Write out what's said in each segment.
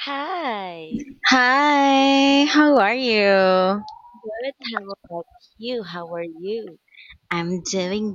Hi. Hi, how are you? Good. How about you? How are you? I'm doing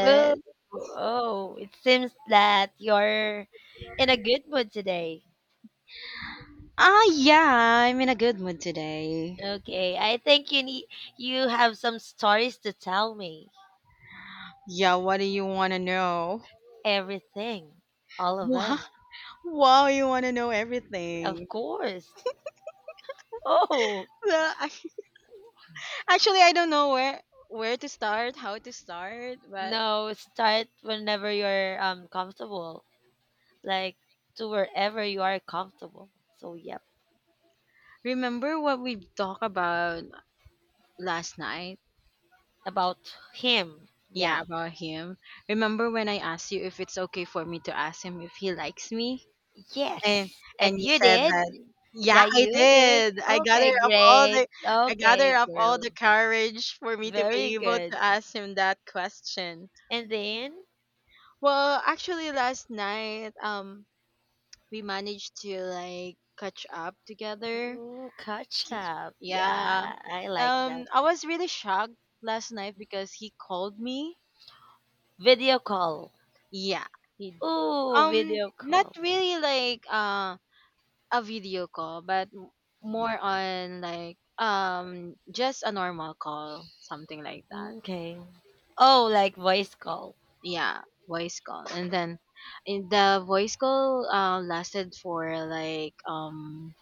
Hello. Oh, it seems that you're in a good mood today. Ah, yeah, I'm in a good mood today. Okay, I think you have some stories to tell me. Yeah, what do you want to know? Everything, all of Wow, them, Wow, you want to know everything. of course. Oh Well, I- Actually, I don't know where to start, how to start, but no, start whenever you're comfortable, like to wherever you are comfortable. So yep, remember what we talked about last night? about him. Yeah, Yeah. about him. Remember when I asked you if it's okay for me to ask him if he likes me? and Yes, and and you you said did. that Yeah, yeah, I you did. did. I Okay, gathered up all great. the Okay, girl. courage for me to Very be able to good. ask him that question. And then, Actually, last night we managed to like catch up together. ooh, catch K- up. yeah, Yeah, I like that. I was really shocked last night because he called me. Video call. Yeah, he Ooh, um video not call. really like a video call, but more on like just a normal call, something like that. Okay. Oh, like voice call. Yeah, voice call. And then in the voice call lasted for like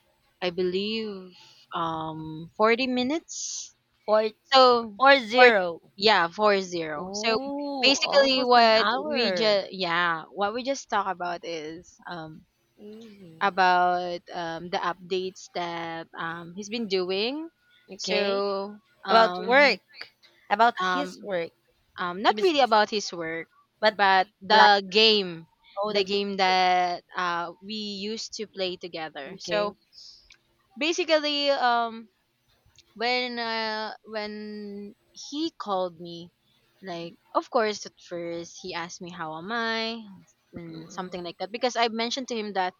I believe 40 minutes. Four, So four four zero. yeah, 40. So Ooh, basically almost an what we hour. just, yeah, what we just talk about is, Hmm. about, the updates that, he's been doing. Okay. So About um, he, work. About his um, work, to not be really specific. about his work, But but like, oh, the the game. game that we used to play together. So Okay. basically, when he called me, like of course at first he asked me how am I and something Mm-hmm. like that, because I mentioned to him that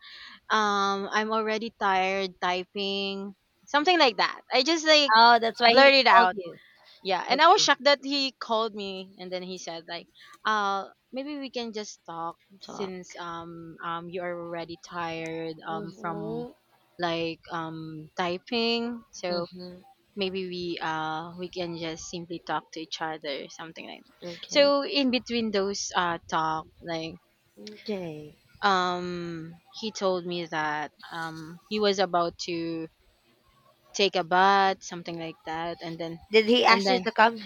I'm already tired typing, something like that. I just like Oh, that's why he blurted called out. you. Yeah, and I was Okay, shocked that he called me, and then he said like, uh maybe we can just talk talk. since, you are already tired, from Mhm. like, typing. So Mhm. maybe we can just simply talk to each other, something like that. Okay. So in between those talk, like, Okay. um he told me that, he was about to take a bath, something like that. and then Did he and ask you then to come?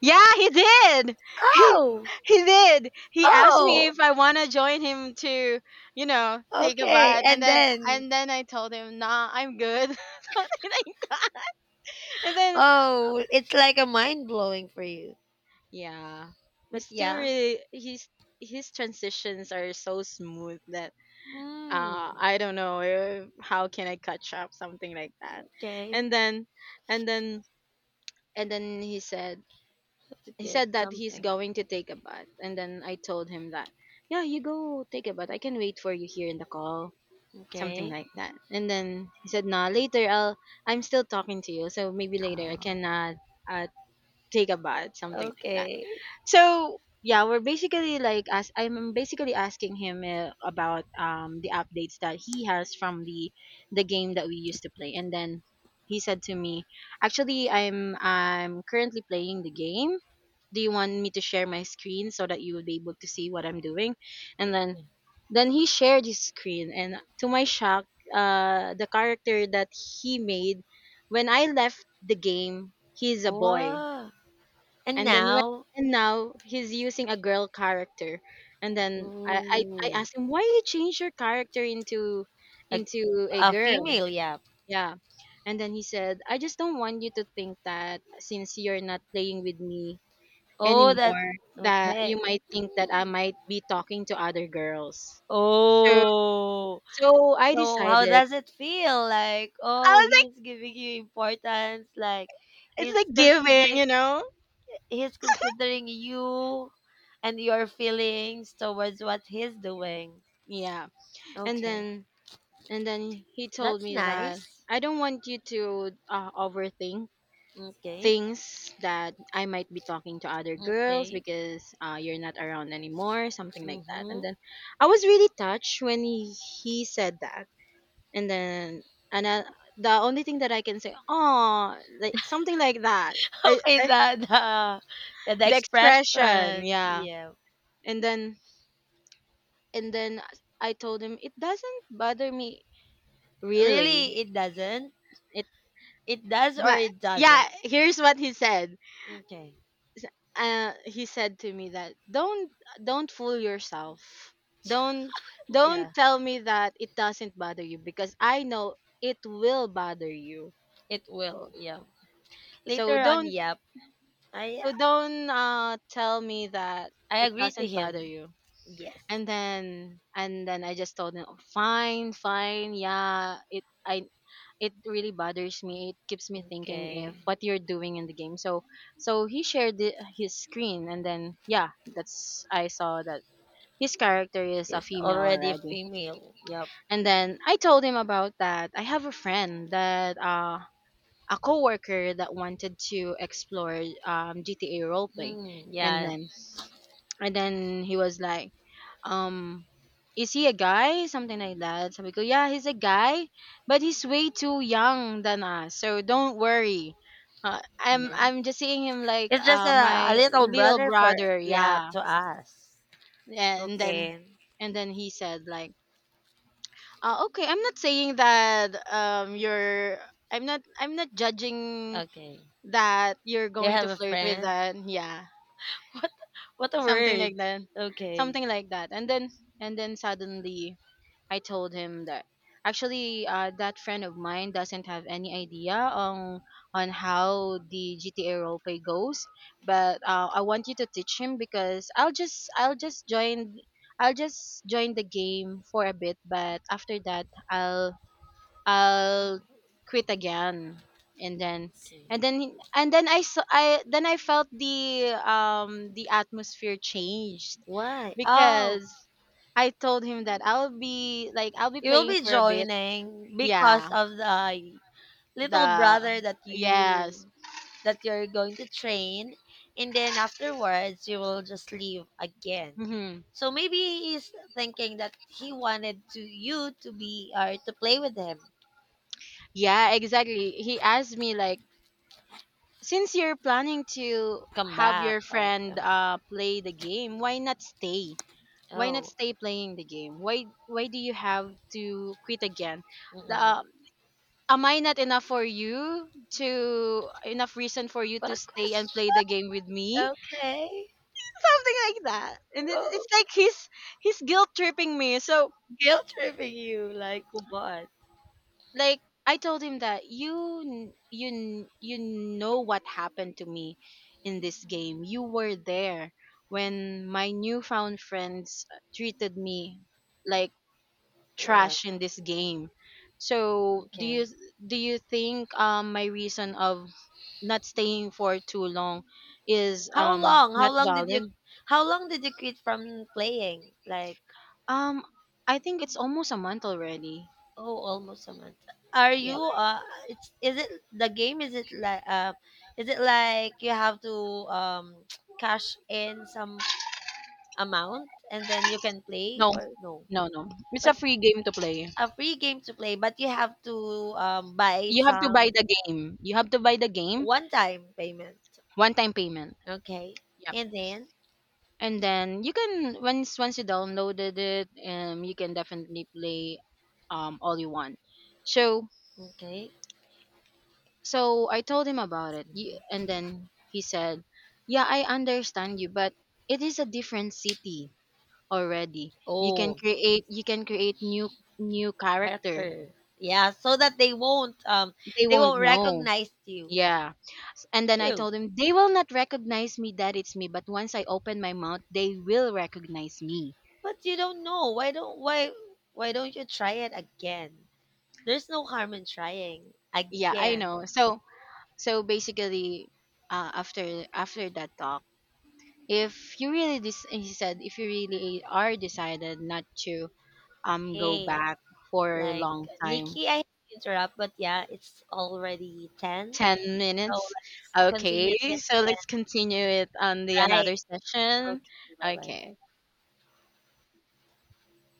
yeah, he did. he Oh. he did. He asked me Oh. if I want to join him to, you know, take a Okay. bath. and And then then, and then I told him, nah, I'm good. Something like that. And then, oh, it's like a mind blowing for you. yeah, But he's still yeah. really, he's his transitions are so smooth that, Mm. I don't know, how can I catch up, something like that. Okay. And then and then and then That's a he good said that he's something. going to take a bath, and then I told him that, yeah, you go take a bath. I can wait for you here in the call, something Okay. like that. And then he said, nah, later I'm still talking to you, so maybe later I Oh. can uh take a bath, something like that. Okay. So yeah, we're basically like as I'm basically asking him, about the updates that he has from the game that we used to play. And then he said to me, actually, I'm currently playing the game. Do you want me to share my screen so that you would be able to see what I'm doing? And then he shared his screen, and to my shock, the character that he made when I left the game, he's a boy, Wow. And and then when now, and now he's using a girl character. And then I ooh, asked him, why you change your character like into a a girl? female, yeah. Yeah. And then he said, I just don't want you to think that since you're not playing with me Oh, that. anymore, that Okay. you might think that I Mm. might be talking to other girls. So Oh, I so how decided, does it feel? Like, I oh, was like, he's giving you importance, like it's he's like giving, considering you know. he's considering you and your feelings towards what he's doing. Yeah. and Okay. then and then he told That's me that, nice. I don't want you to, overthink Okay. things that I might be talking to other girls Okay. because, you're not around anymore, something like that. And Mm-hmm. then I was really touched when he said that. And then and I, The only thing that I can say, oh, like, something like that. Okay, I the, yeah, the The expression, expression. yeah. Yeah. And then and then I told him, it doesn't bother me, really. Really it doesn't. It It does or but it doesn't. yeah, here's what he said. Okay. He said to me that, don't fool yourself. Don't don't Yeah. tell me that it doesn't bother you, because I know it will bother you. It will. Yeah. Later so on, don't yeah. I so don't, tell me that I it agree to doesn't bother him. you. Yes. And then I just told him, "Oh, fine, fine, yeah, it really bothers me. It keeps me thinking if Okay. what you're doing in the game." So he shared his screen, and then yeah, that's I saw that his character is a It's female already already. female. Yep. And then I told him about that. I have a friend that a coworker that wanted to explore, GTA roleplay. Hmm. and Yeah. then and then he was like, um, is he a guy? Something like that. So we go, yeah, he's a guy, but he's way too young than us, so don't worry. I'm Mm. Just seeing him like It's just a, my a little little brother for brother. yeah Yeah. to us. and then Okay. and then he said like, okay, I'm not saying that, you're, I'm not judging Okay. that you're You going have to a flirt with friend. that. Yeah. What what a Something word. like that. Okay. Something like that. And then suddenly I told him that actually, that friend of mine doesn't have any idea on how the GTA roleplay goes, but, I want you to teach him, because I'll just join the game for a bit, but after that I'll quit again. And then Okay. and then I then I felt the, the atmosphere changed, Why? Oh, because I told him that I'll be you will playing be for a bit. joining because Yeah. of the little The brother that Yes. you that you're going to train and then afterwards you will just leave again Hmm. so maybe he's thinking that he wanted to you to be or to play with him Yeah, exactly. He asked me like, since you're planning to come have back your or friend play the game, why not stay? Why not oh, stay playing the game Why do you have to quit again? the, mm-mm. uh, am I not enough for you to, enough reason for you What to a stay and question. play the game with me? Okay. Something like that. And Oh, it's like he's guilt tripping me. So guilt tripping you like what. like, I told him that, you know what happened to me in this game. You were there when my newfound friends treated me like Wala. trash in this game. So do you, Okay. do you think, my reason of not staying for too long is, how not long did you valid? how long did you quit from playing like. Um I think it's almost a month already. Oh, almost a month. Are Yeah. you it's Is it the game, is it like you have to um cash in some amount and then you can play No. or no? No, it's a But free game to play. a free game to play, but you have to buy You have to some buy the game. One time payment. One time payment. Okay. Yep. And then And then you can, once you downloaded it, you can definitely play, all you want. So okay. I told him about it, Mhm. And then he said, "Yeah, I understand you, but it is a different city already. Oh, You can create new character. character. Yeah, so that they won't um They they won't won't know." recognize you. Yeah. And then I True. told him, "They will not recognize me that it's me, but once I open my mouth, they will recognize me." But you don't know. Why don't you try it again? There's no harm in trying Yeah, I know. again. So basically, after that talk, if you really he said, if you really are decided not to, go Hey, back for a like long time, Nikki, I hate to interrupt, but yeah, it's already 10. 10 So minutes. let's Okay, continue this so again. let's continue it on the Right. another session. Okay, bye bye. Okay.